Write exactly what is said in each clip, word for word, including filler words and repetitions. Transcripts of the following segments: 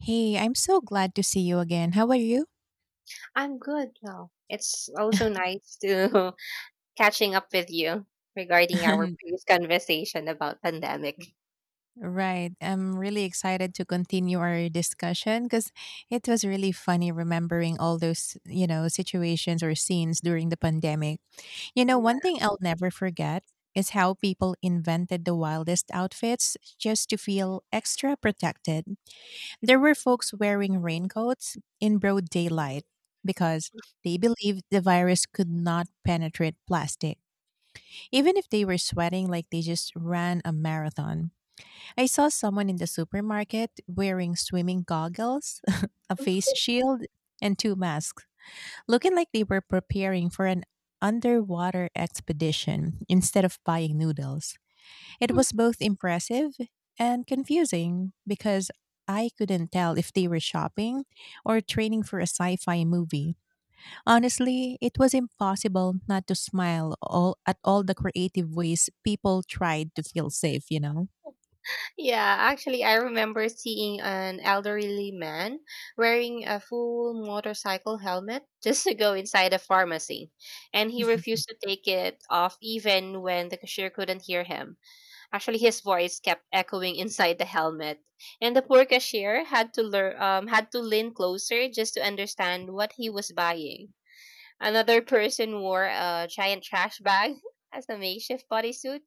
Hey, I'm so glad to see you again. How are you? I'm good now. It's also nice to catching up with you regarding our previous conversation about pandemic. Right. I'm really excited to continue our discussion because it was really funny remembering all those, you know, situations or scenes during the pandemic. You know, Yeah. one thing I'll never forget is how people invented the wildest outfits just to feel extra protected. There were folks wearing raincoats in broad daylight because they believed the virus could not penetrate plastic even if they were sweating like they just ran a marathon. I saw someone in the supermarket wearing swimming goggles, a face shield, and two masks, looking like they were preparing for an underwater expedition instead of buying noodles. It was both impressive and confusing because I couldn't tell if they were shopping or training for a sci fi movie. Honestly, it was impossible not to smile all at all the creative ways people tried to feel safe, you know? Yeah, actually I remember seeing an elderly man wearing a full motorcycle helmet just to go inside a pharmacy, and he refused to take it off even when the cashier couldn't hear him. Actually, his voice kept echoing inside the helmet, and the poor cashier had to learn, um, had to lean closer just to understand what he was buying. Another person wore a giant trash bag as a makeshift bodysuit,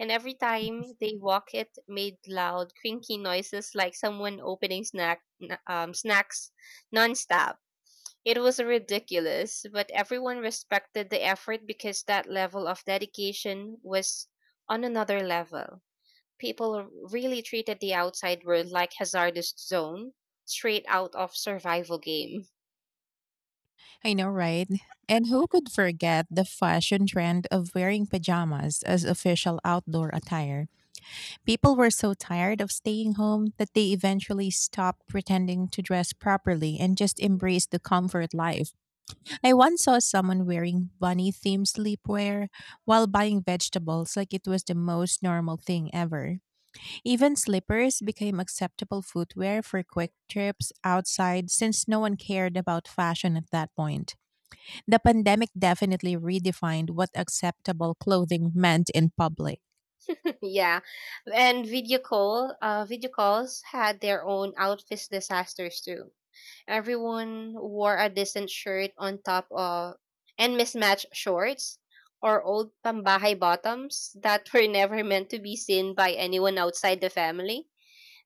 and every time they walked, it made loud, crinky noises like someone opening snack, n- um, snacks nonstop. It was ridiculous, but everyone respected the effort because that level of dedication was on another level. People really treated the outside world like hazardous zone, straight out of survival game. I know, right? And who could forget the fashion trend of wearing pajamas as official outdoor attire? People were so tired of staying home that they eventually stopped pretending to dress properly and just embraced the comfort life. I once saw someone wearing bunny themed sleepwear while buying vegetables like it was the most normal thing ever. Even slippers became acceptable footwear for quick trips outside since no one cared about fashion at that point. The pandemic definitely redefined what acceptable clothing meant in public. Yeah, and video call, uh, video calls had their own outfit disasters too. Everyone wore a decent shirt on top of and mismatched shorts or old pambahay bottoms that were never meant to be seen by anyone outside the family.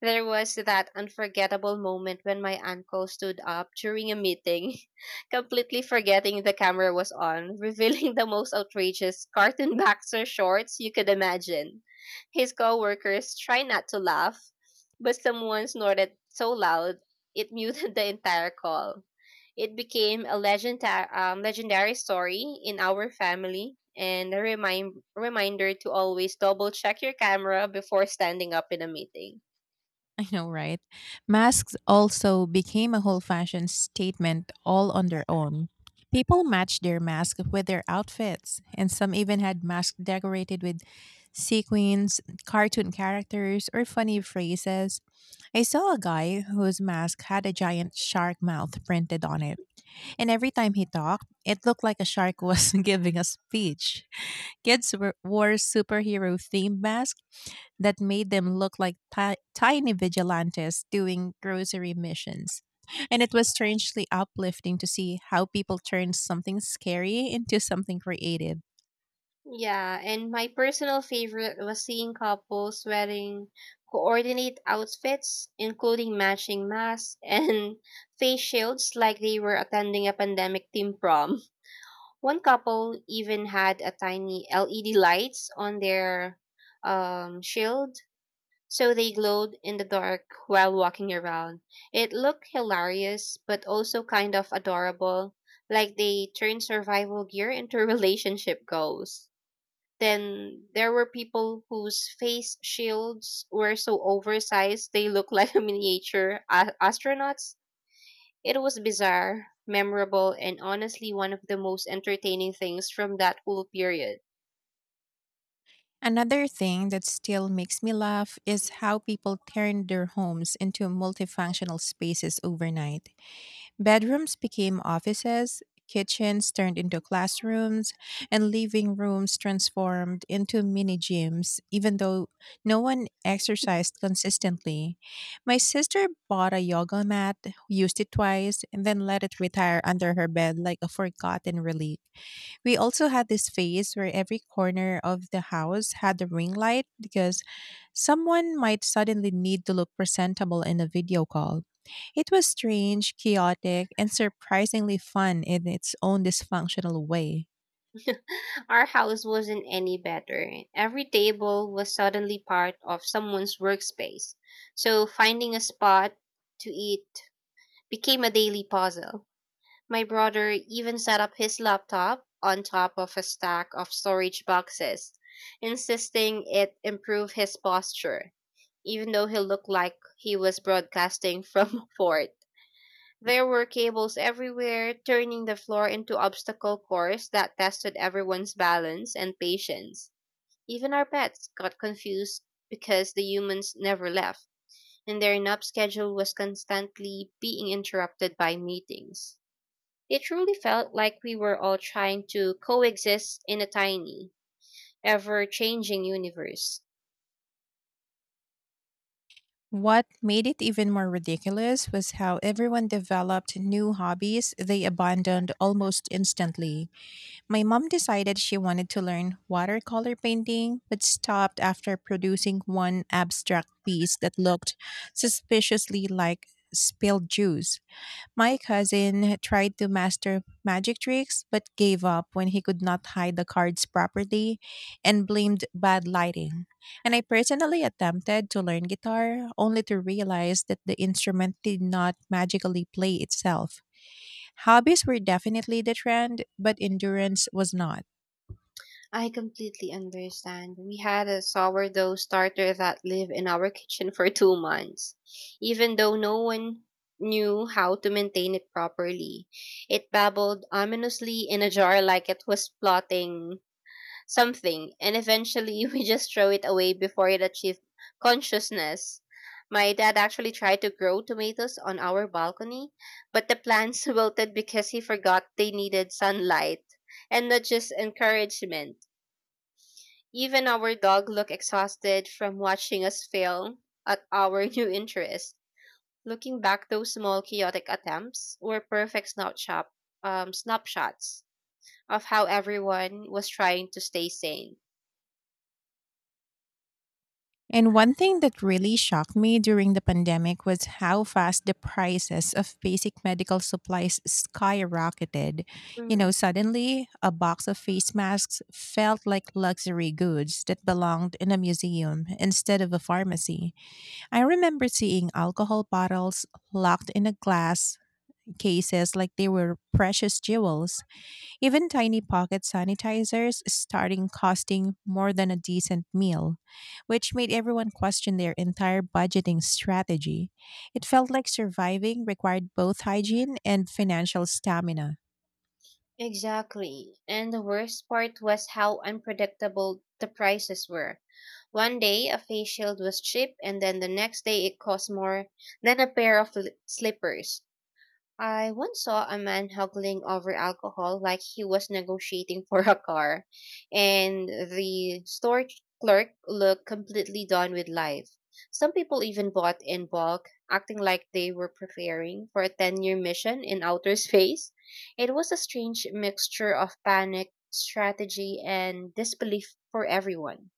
There was that unforgettable moment when my uncle stood up during a meeting, completely forgetting the camera was on, revealing the most outrageous cartoon boxer shorts you could imagine. His coworkers tried not to laugh, but someone snorted so loud it muted the entire call. It became a legendary, um, legendary story in our family, and a remind, reminder to always double check your camera before standing up in a meeting. I know, right? Masks also became a whole fashion statement all on their own. People matched their mask with their outfits, and some even had masks decorated with sequins, cartoon characters, or funny phrases. I saw a guy whose mask had a giant shark mouth printed on it, and every time he talked, it looked like a shark was giving a speech. Kids were, wore superhero themed masks that made them look like ti- tiny vigilantes doing grocery missions. And it was strangely uplifting to see how people turned something scary into something creative. Yeah, and my personal favorite was seeing couples wearing coordinate outfits, including matching masks and face shields like they were attending a pandemic team prom. One couple even had a tiny L E D lights on their um, shield, so they glowed in the dark while walking around. It looked hilarious, but also kind of adorable, like they turned survival gear into relationship goals. Then there were people whose face shields were so oversized they looked like miniature a- astronauts. It was bizarre, memorable, and honestly one of the most entertaining things from that whole period. Another thing that still makes me laugh is how people turned their homes into multifunctional spaces overnight. Bedrooms became offices, kitchens turned into classrooms, and living rooms transformed into mini gyms, even though no one exercised consistently. My sister bought a yoga mat, used it twice, and then let it retire under her bed like a forgotten relic. We also had this phase where every corner of the house had a ring light because someone might suddenly need to look presentable in a video call. It was strange, chaotic, and surprisingly fun in its own dysfunctional way. Our house wasn't any better. Every table was suddenly part of someone's workspace, so finding a spot to eat became a daily puzzle. My brother even set up his laptop on top of a stack of storage boxes, insisting it improved his posture, even though he looked like he was broadcasting from a fort. There were cables everywhere, turning the floor into obstacle course that tested everyone's balance and patience. Even our pets got confused because the humans never left, and their nap schedule was constantly being interrupted by meetings. It truly felt like we were all trying to coexist in a tiny, ever changing universe. What made it even more ridiculous was how everyone developed new hobbies they abandoned almost instantly. My mom decided she wanted to learn watercolor painting, but stopped after producing one abstract piece that looked suspiciously like spilled juice. My cousin tried to master magic tricks, but gave up when he could not hide the cards properly and blamed bad lighting. And I personally attempted to learn guitar, only to realize that the instrument did not magically play itself. Hobbies were definitely the trend, but endurance was not. I completely understand. We had a sourdough starter that lived in our kitchen for two months, even though no one knew how to maintain it properly. It babbled ominously in a jar like it was plotting something, and eventually we just throw it away before it achieves consciousness. My dad actually tried to grow tomatoes on our balcony, but the plants wilted because he forgot they needed sunlight and not just encouragement. Even our dog looked exhausted from watching us fail at our new interest. Looking back, those small chaotic attempts were perfect snapshot, um, snapshots of how everyone was trying to stay sane. And one thing that really shocked me during the pandemic was how fast the prices of basic medical supplies skyrocketed. You know, Mm. suddenly a box of face masks felt like luxury goods that belonged in a museum instead of a pharmacy. I remember seeing alcohol bottles locked in a glass cases like they were precious jewels. Even tiny pocket sanitizers starting costing more than a decent meal, which made everyone question their entire budgeting strategy. It felt like surviving required both hygiene and financial stamina. Exactly. And the worst part was how unpredictable the prices were. One day a face shield was cheap, and then the next day it cost more than a pair of l- slippers. I once saw a man haggling over alcohol like he was negotiating for a car, and the store clerk looked completely done with life. Some people even bought in bulk, acting like they were preparing for a ten year mission in outer space. It was a strange mixture of panic, strategy, and disbelief for everyone.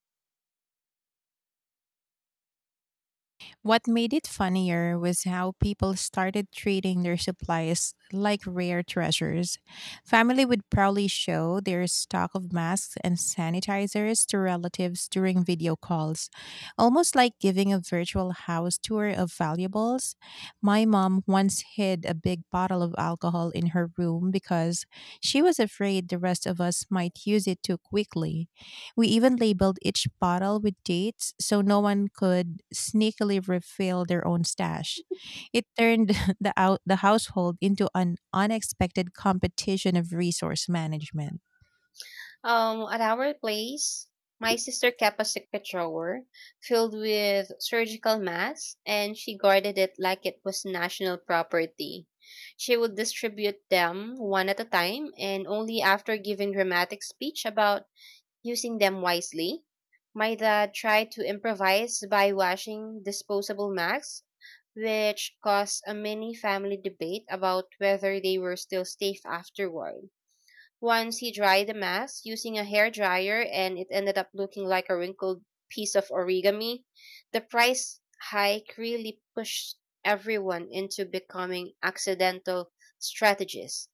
What made it funnier was how people started treating their supplies like rare treasures. Family would proudly show their stock of masks and sanitizers to relatives during video calls, almost like giving a virtual house tour of valuables. My mom once hid a big bottle of alcohol in her room because she was afraid the rest of us might use it too quickly. We even labeled each bottle with dates so no one could sneakily refill their own stash. It turned the out the household into an unexpected competition of resource management. Um, at our place, my sister kept a secret drawer filled with surgical masks, and she guarded it like it was national property. She would distribute them one at a time, and only after giving dramatic speech about using them wisely. My dad tried to improvise by washing disposable masks, which caused a mini family debate about whether they were still safe afterward. Once he dried the mass using a hair dryer, and it ended up looking like a wrinkled piece of origami. The price hike really pushed everyone into becoming accidental strategists.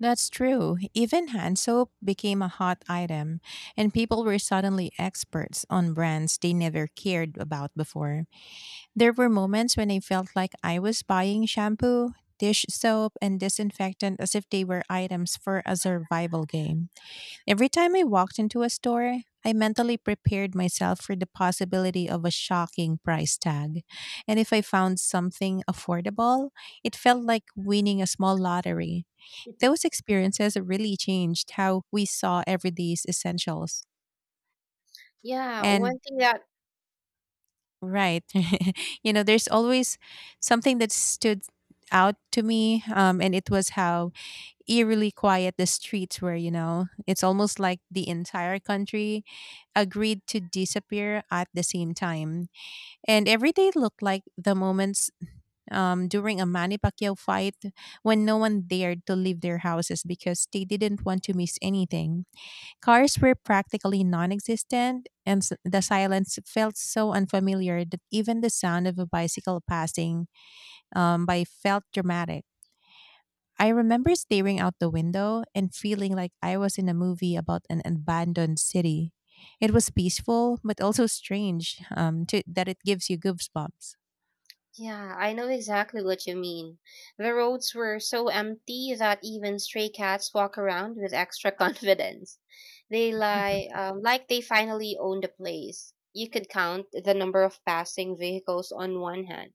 That's true. Even hand soap became a hot item, and people were suddenly experts on brands they never cared about before. There were moments when I felt like I was buying shampoo, dish soap, and disinfectant as if they were items for a survival game. Every time I walked into a store, I mentally prepared myself for the possibility of a shocking price tag. And if I found something affordable, it felt like winning a small lottery. Those experiences really changed how we saw everyday's essentials. Yeah, one And thing that right, you know, there's always something that stood out to me, um, and it was how eerily quiet the streets were. You know, it's almost like the entire country agreed to disappear at the same time, and every day looked like the moments um, during a Manny Pacquiao fight when no one dared to leave their houses because they didn't want to miss anything. Cars were practically non existent, and s- the silence felt so unfamiliar that even the sound of a bicycle passing um, by felt dramatic. I remember staring out the window and feeling like I was in a movie about an abandoned city. It was peaceful, but also strange um, to, that it gives you goosebumps. yeah, I know exactly what you mean. The roads were so empty that even stray cats walk around with extra confidence. They lie um, like they finally own the place. You could count the number of passing vehicles on one hand.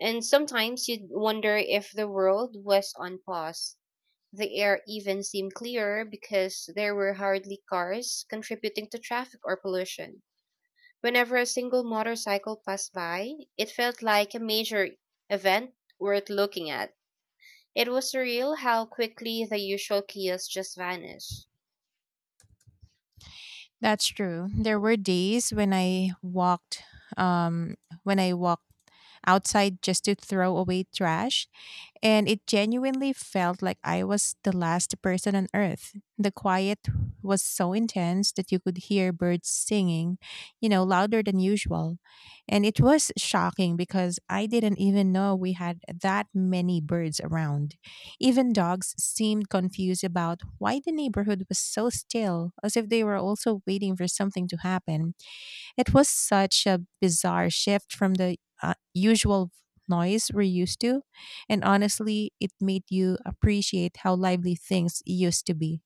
And sometimes you'd wonder if the world was on pause. The air even seemed clearer because there were hardly cars contributing to traffic or pollution. Whenever a single motorcycle passed by, it felt like a major event worth looking at. It was surreal how quickly the usual chaos just vanished. That's true. There were days when I walked um when I walked outside just to throw away trash, and it genuinely felt like I was the last person on earth. The quiet was so intense that you could hear birds singing, you know, louder than usual. And it was shocking because I didn't even know we had that many birds around. Even dogs seemed confused about why the neighborhood was so still, as if they were also waiting for something to happen. It was such a bizarre shift from the uh, usual noise we're used to, and honestly, it made you appreciate how lively things used to be.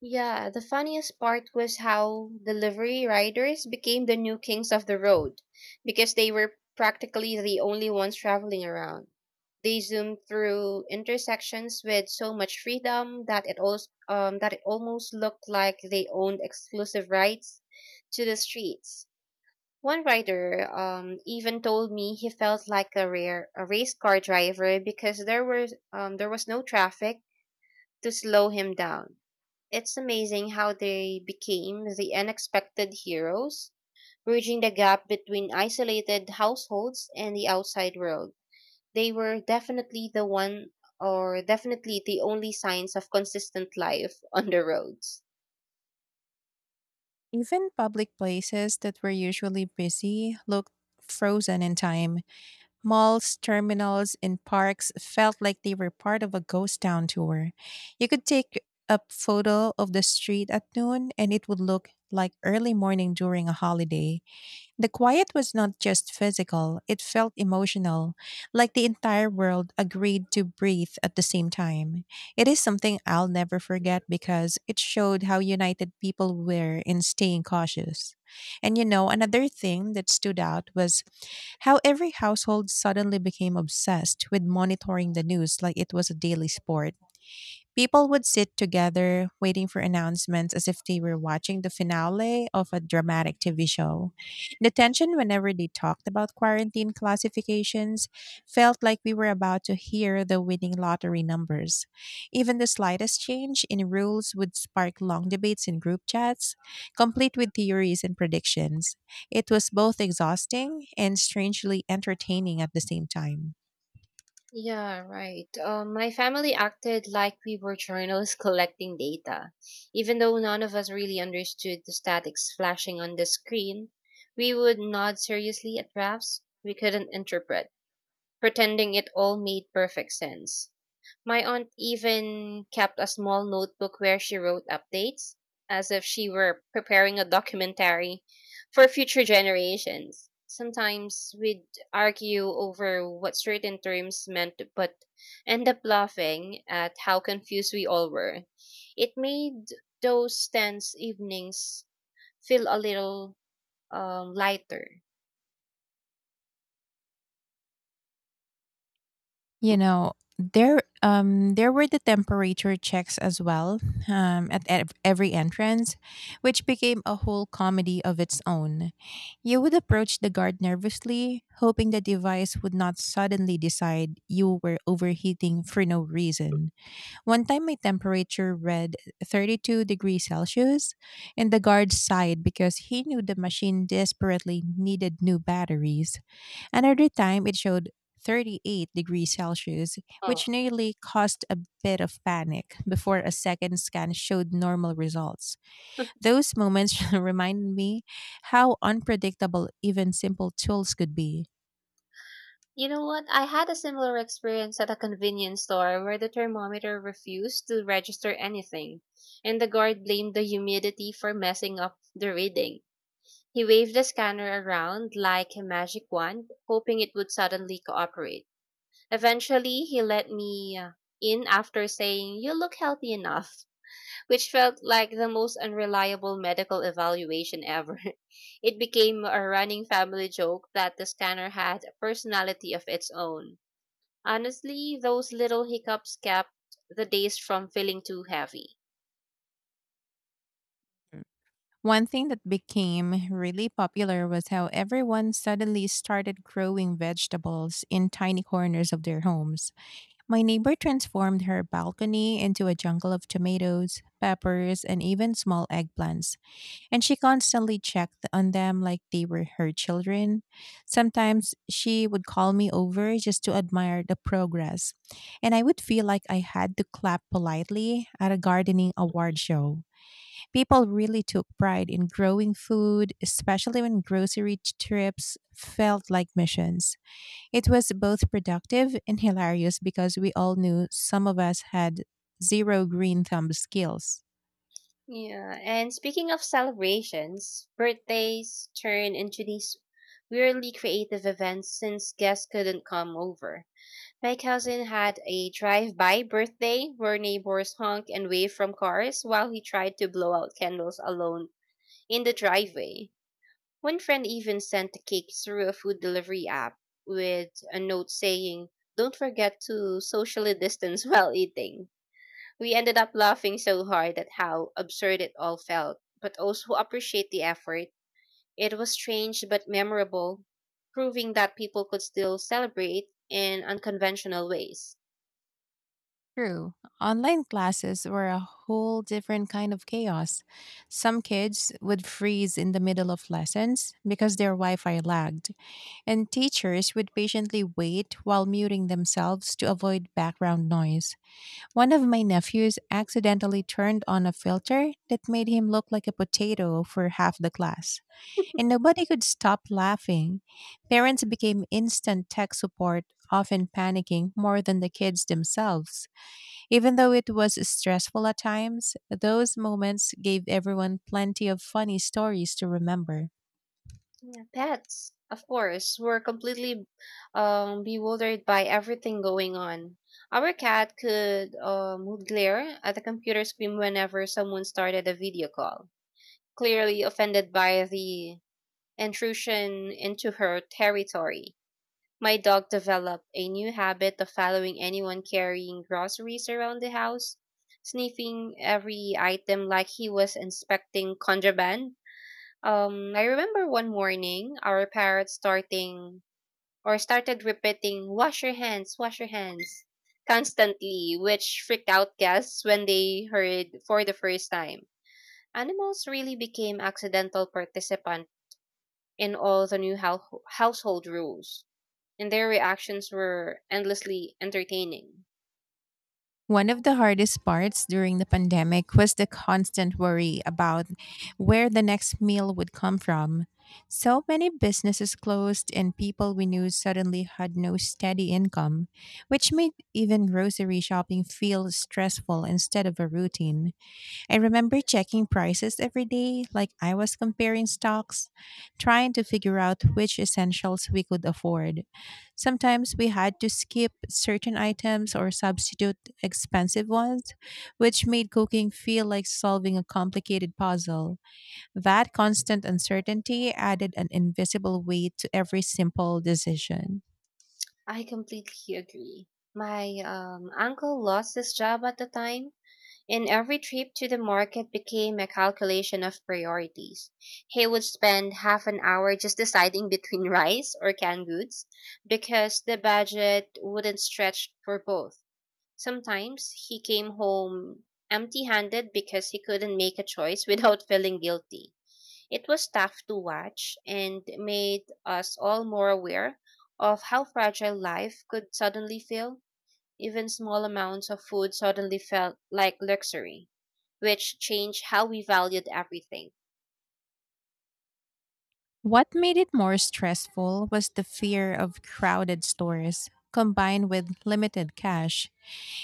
Yeah, the funniest part was how delivery riders became the new kings of the road, because they were practically the only ones traveling around. They zoomed through intersections with so much freedom that it also, um, that it almost looked like they owned exclusive rights to the streets. One rider um, even told me he felt like a rare a race car driver because there was um, there was no traffic to slow him down. It's amazing how they became the unexpected heroes, bridging the gap between isolated households and the outside world. They were definitely the one or definitely the only signs of consistent life on the roads. Even public places that were usually busy looked frozen in time. Malls, terminals, and parks felt like they were part of a ghost town tour. You could take a photo of the street at noon and it would look like early morning during a holiday. The quiet was not just physical, it felt emotional, like the entire world agreed to breathe at the same time. It is something I'll never forget because it showed how united people were in staying cautious. And you know, another thing that stood out was how every household suddenly became obsessed with monitoring the news like it was a daily sport. People would sit together waiting for announcements as if they were watching the finale of a dramatic T V show. The tension whenever they talked about quarantine classifications felt like we were about to hear the winning lottery numbers. Even the slightest change in rules would spark long debates in group chats, complete with theories and predictions. It was both exhausting and strangely entertaining at the same time. Yeah, right. Um, my family acted like we were journalists collecting data. Even though none of us really understood the statics flashing on the screen, we would nod seriously at graphs we couldn't interpret, pretending it all made perfect sense. My aunt even kept a small notebook where she wrote updates, as if she were preparing a documentary for future generations. Sometimes we'd argue over what certain terms meant, but end up laughing at how confused we all were. It made those tense evenings feel a little um, lighter. You know, there um there were the temperature checks as well, um at ev- every entrance, which became a whole comedy of its own. You would approach the guard nervously, hoping the device would not suddenly decide you were overheating for no reason. One time my temperature read thirty-two degrees Celsius, and the guard sighed because he knew the machine desperately needed new batteries. Another time it showed thirty-eight degrees Celsius, which nearly caused a bit of panic before a second scan showed normal results. Those moments reminded me how unpredictable even simple tools could be. You know what? I had a similar experience at a convenience store where the thermometer refused to register anything, and the guard blamed the humidity for messing up the reading. He waved the scanner around like a magic wand, hoping it would suddenly cooperate. Eventually, he let me uh, in after saying, "You look healthy enough," which felt like the most unreliable medical evaluation ever. It became a running family joke that the scanner had a personality of its own. Honestly, those little hiccups kept the days from feeling too heavy. One thing that became really popular was how everyone suddenly started growing vegetables in tiny corners of their homes. My neighbor transformed her balcony into a jungle of tomatoes, peppers, and even small eggplants. And she constantly checked on them like they were her children. Sometimes she would call me over just to admire the progress, and I would feel like I had to clap politely at a gardening award show. People really took pride in growing food, especially when grocery t- trips felt like missions. It was both productive and hilarious because we all knew some of us had zero green thumb skills. Yeah, and speaking of celebrations, birthdays turn into these weirdly creative events since guests couldn't come over. My cousin had a drive-by birthday where neighbors honk and wave from cars while he tried to blow out candles alone in the driveway. One friend even sent the cake through a food delivery app with a note saying, "Don't forget to socially distance while eating." We ended up laughing so hard at how absurd it all felt, but also appreciate the effort. It was strange but memorable, proving that people could still celebrate in unconventional ways. True. Online classes were a whole different kind of chaos. Some kids would freeze in the middle of lessons because their Wi Fi lagged, and teachers would patiently wait while muting themselves to avoid background noise. One of my nephews accidentally turned on a filter that made him look like a potato for half the class, and nobody could stop laughing. Parents became instant tech support, often panicking more than the kids themselves. Even though it was stressful at times, those moments gave everyone plenty of funny stories to remember. Yeah, pets, of course, were completely um, bewildered by everything going on. Our cat could um, would glare at the computer screen whenever someone started a video call, clearly offended by the intrusion into her territory. My dog developed a new habit of following anyone carrying groceries around the house, sniffing every item like he was inspecting contraband. Um, I remember one morning our parrot starting or started repeating "wash your hands, wash your hands" constantly, which freaked out guests when they heard for the first time. Animals really became accidental participant in all the new hou- household rules, and their reactions were endlessly entertaining. One of the hardest parts during the pandemic was the constant worry about where the next meal would come from. So many businesses closed, and people we knew suddenly had no steady income, which made even grocery shopping feel stressful instead of a routine. I remember checking prices every day, like I was comparing stocks, trying to figure out which essentials we could afford. Sometimes we had to skip certain items or substitute expensive ones, which made cooking feel like solving a complicated puzzle. That constant uncertainty added an invisible weight to every simple decision. I completely agree. My um, uncle lost his job at the time. And every trip to the market became a calculation of priorities. He would spend half an hour just deciding between rice or canned goods because the budget wouldn't stretch for both. Sometimes he came home empty handed because he couldn't make a choice without feeling guilty. It was tough to watch and made us all more aware of how fragile life could suddenly feel. Even small amounts of food suddenly felt like luxury, which changed how we valued everything. What made it more stressful was the fear of crowded stores combined with limited cash.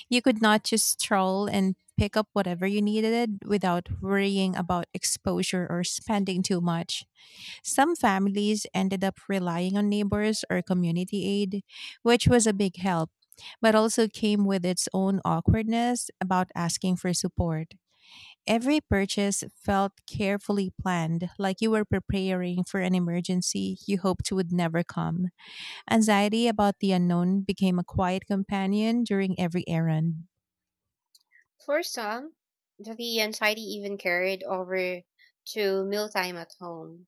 You could not just stroll and pick up whatever you needed without worrying about exposure or spending too much. Some families ended up relying on neighbors or community aid, which was a big help, but also came with its own awkwardness about asking for support. Every purchase felt carefully planned, like you were preparing for an emergency you hoped would never come. Anxiety about the unknown became a quiet companion during every errand. For some, the anxiety even carried over to mealtime at home.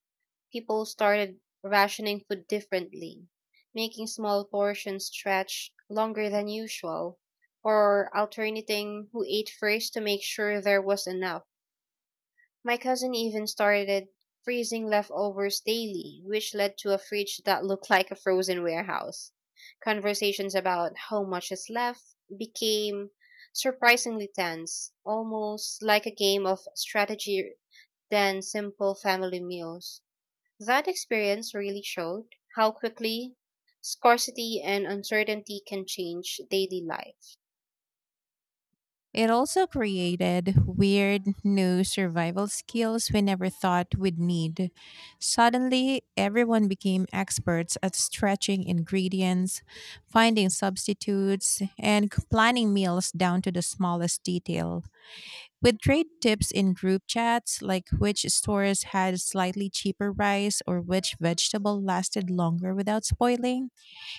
People started rationing food differently, making small portions stretch longer than usual, or alternating who ate first to make sure there was enough. My cousin even started freezing leftovers daily, which led to a fridge that looked like a frozen warehouse. Conversations about how much is left became surprisingly tense, almost like a game of strategy than simple family meals. That experience really showed how quickly scarcity and uncertainty can change daily life. It also created weird new survival skills we never thought we'd need. Suddenly, everyone became experts at stretching ingredients, finding substitutes, and c- planning meals down to the smallest detail. With trade tips in group chats, like which stores had slightly cheaper rice or which vegetable lasted longer without spoiling,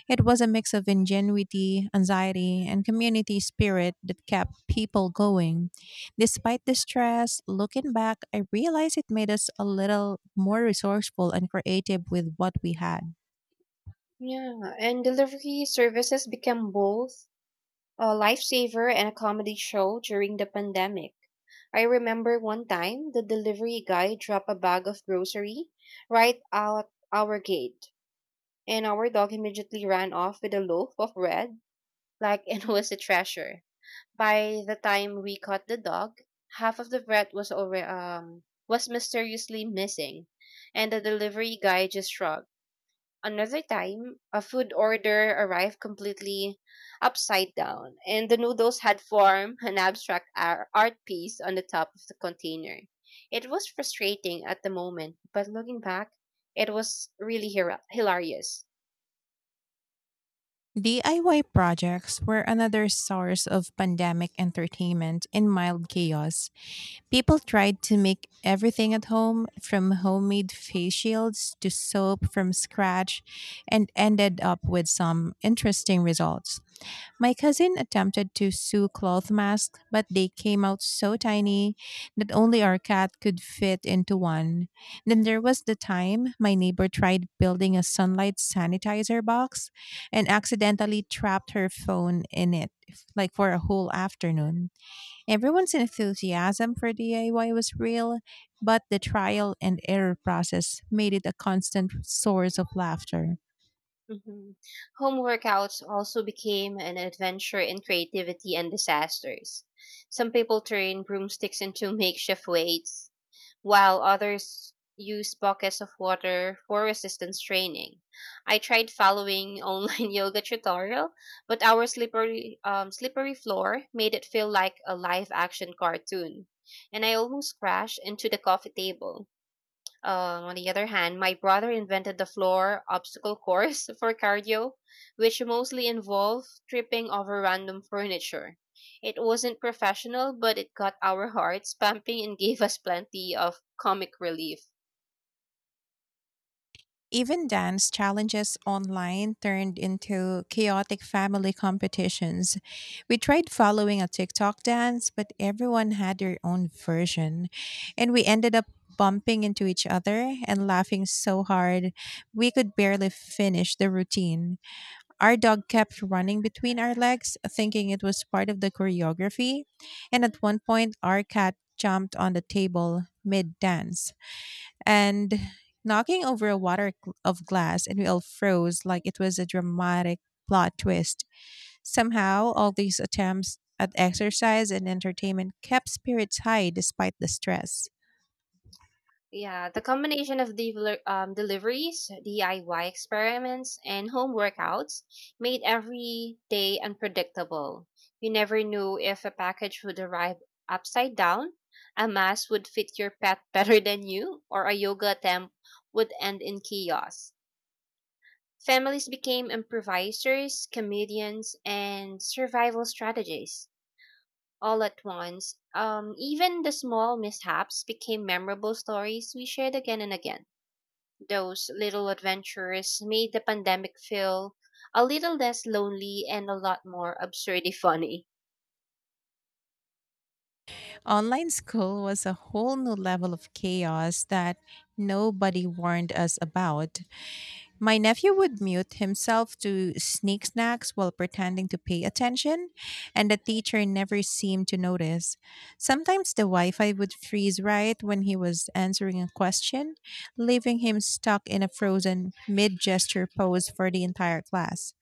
it was a mix of ingenuity, anxiety, and community spirit that kept people going. Despite the stress, looking back, I realized it made us a little more resourceful and creative with what we had. Yeah, and delivery services became both a lifesaver and a comedy show during the pandemic. I remember one time the delivery guy dropped a bag of grocery right out our gate, and our dog immediately ran off with a loaf of bread like it was a treasure. By the time we caught the dog, half of the bread was over um was mysteriously missing, and the delivery guy just shrugged. Another time, a food order arrived completely upside down, and the noodles had formed an abstract ar- art piece on the top of the container. It was frustrating at the moment, but looking back, it was really hira- hilarious. D I Y projects were another source of pandemic entertainment and mild chaos. People tried to make everything at home, from homemade face shields to soap from scratch, and ended up with some interesting results. My cousin attempted to sew cloth masks, but they came out so tiny that only our cat could fit into one. Then there was the time my neighbor tried building a sunlight sanitizer box and accidentally trapped her phone in it, like for a whole afternoon. Everyone's enthusiasm for D I Y was real, but the trial and error process made it a constant source of laughter. Mhm. Home workouts also became an adventure in creativity and disasters. Some people turned broomsticks into makeshift weights, while others use buckets of water for resistance training. I tried following online yoga tutorial, but our slippery um, slippery floor made it feel like a live action cartoon, and I almost crashed into the coffee table. Um, on the other hand, my brother invented the floor obstacle course for cardio, which mostly involved tripping over random furniture. It wasn't professional, but it got our hearts pumping and gave us plenty of comic relief. Even dance challenges online turned into chaotic family competitions. We tried following a TikTok dance, but everyone had their own version. And we ended up bumping into each other and laughing so hard, we could barely finish the routine. Our dog kept running between our legs, thinking it was part of the choreography. And at one point, our cat jumped on the table mid dance and knocking over a water gl- of glass, and we all froze like it was a dramatic plot twist. Somehow, all these attempts at exercise and entertainment kept spirits high despite the stress. Yeah, the combination of deliver- um, deliveries, D I Y experiments, and home workouts made every day unpredictable. You never knew if a package would arrive upside down, a mask would fit your pet better than you, or a yoga attempt would end in chaos. Families became improvisers, comedians, and survival strategists all at once. Um, even the small mishaps became memorable stories we shared again and again. Those little adventures made the pandemic feel a little less lonely and a lot more absurdly funny. Online school was a whole new level of chaos that nobody warned us about. My nephew would mute himself to sneak snacks while pretending to pay attention, and the teacher never seemed to notice. Sometimes the Wi Fi would freeze right when he was answering a question, leaving him stuck in a frozen mid gesture pose for the entire class.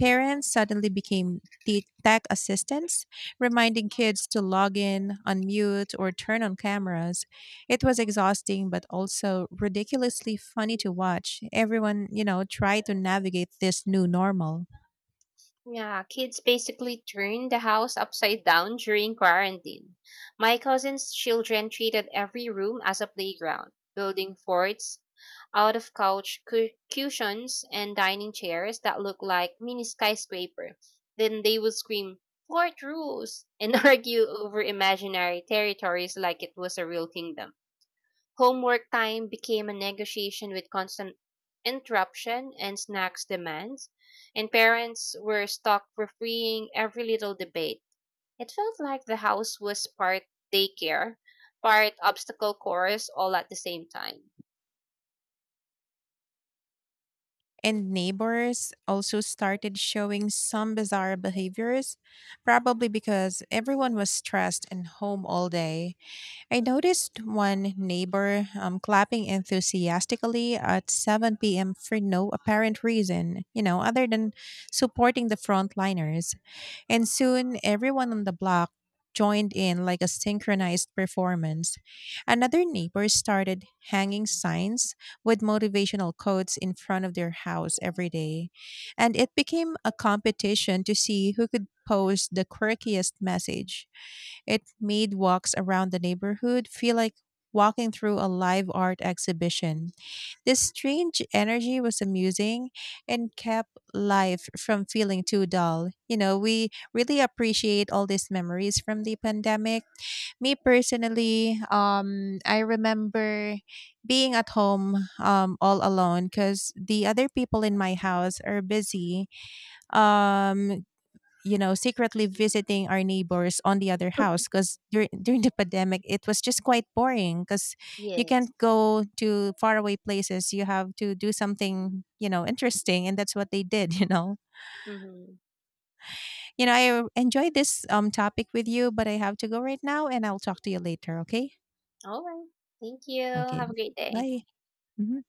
Parents suddenly became te- tech assistants, reminding kids to log in, unmute, or turn on cameras. It was exhausting, but also ridiculously funny to watch. Everyone, you know, tried to navigate this new normal. Yeah, kids basically turned the house upside down during quarantine. My cousin's children treated every room as a playground, building forts out of couch cu- cushions and dining chairs that look like mini skyscraper. Then they would scream, "Fort rules!" and argue over imaginary territories like it was a real kingdom. Homework time became a negotiation with constant interruption and snacks demands, and parents were stuck refereeing every little debate. It felt like the house was part daycare, part obstacle course, all at the same time. And neighbors also started showing some bizarre behaviors, probably because everyone was stressed and home all day. I noticed one neighbor um, clapping enthusiastically at seven p m for no apparent reason, you know, other than supporting the frontliners. And soon everyone on the block joined in like a synchronized performance. Another neighbor started hanging signs with motivational quotes in front of their house every day. And it became a competition to see who could post the quirkiest message. It made walks around the neighborhood feel like walking through a live art exhibition. This strange energy was amusing and kept life from feeling too dull. You know, we really appreciate all these memories from the pandemic. Me personally, um, I remember being at home um, all alone, because the other people in my house are busy, um you know secretly visiting our neighbors on the other house, because during during the pandemic, it was just quite boring, because you Yes. can't go to faraway places. You have to do something you know interesting, and that's what they did. you know Mm-hmm. you know I enjoyed this um topic with you, but I have to go right now, and I'll talk to you later. Okay? All right. Thank you. Okay. Have a great day. Bye. Mhm.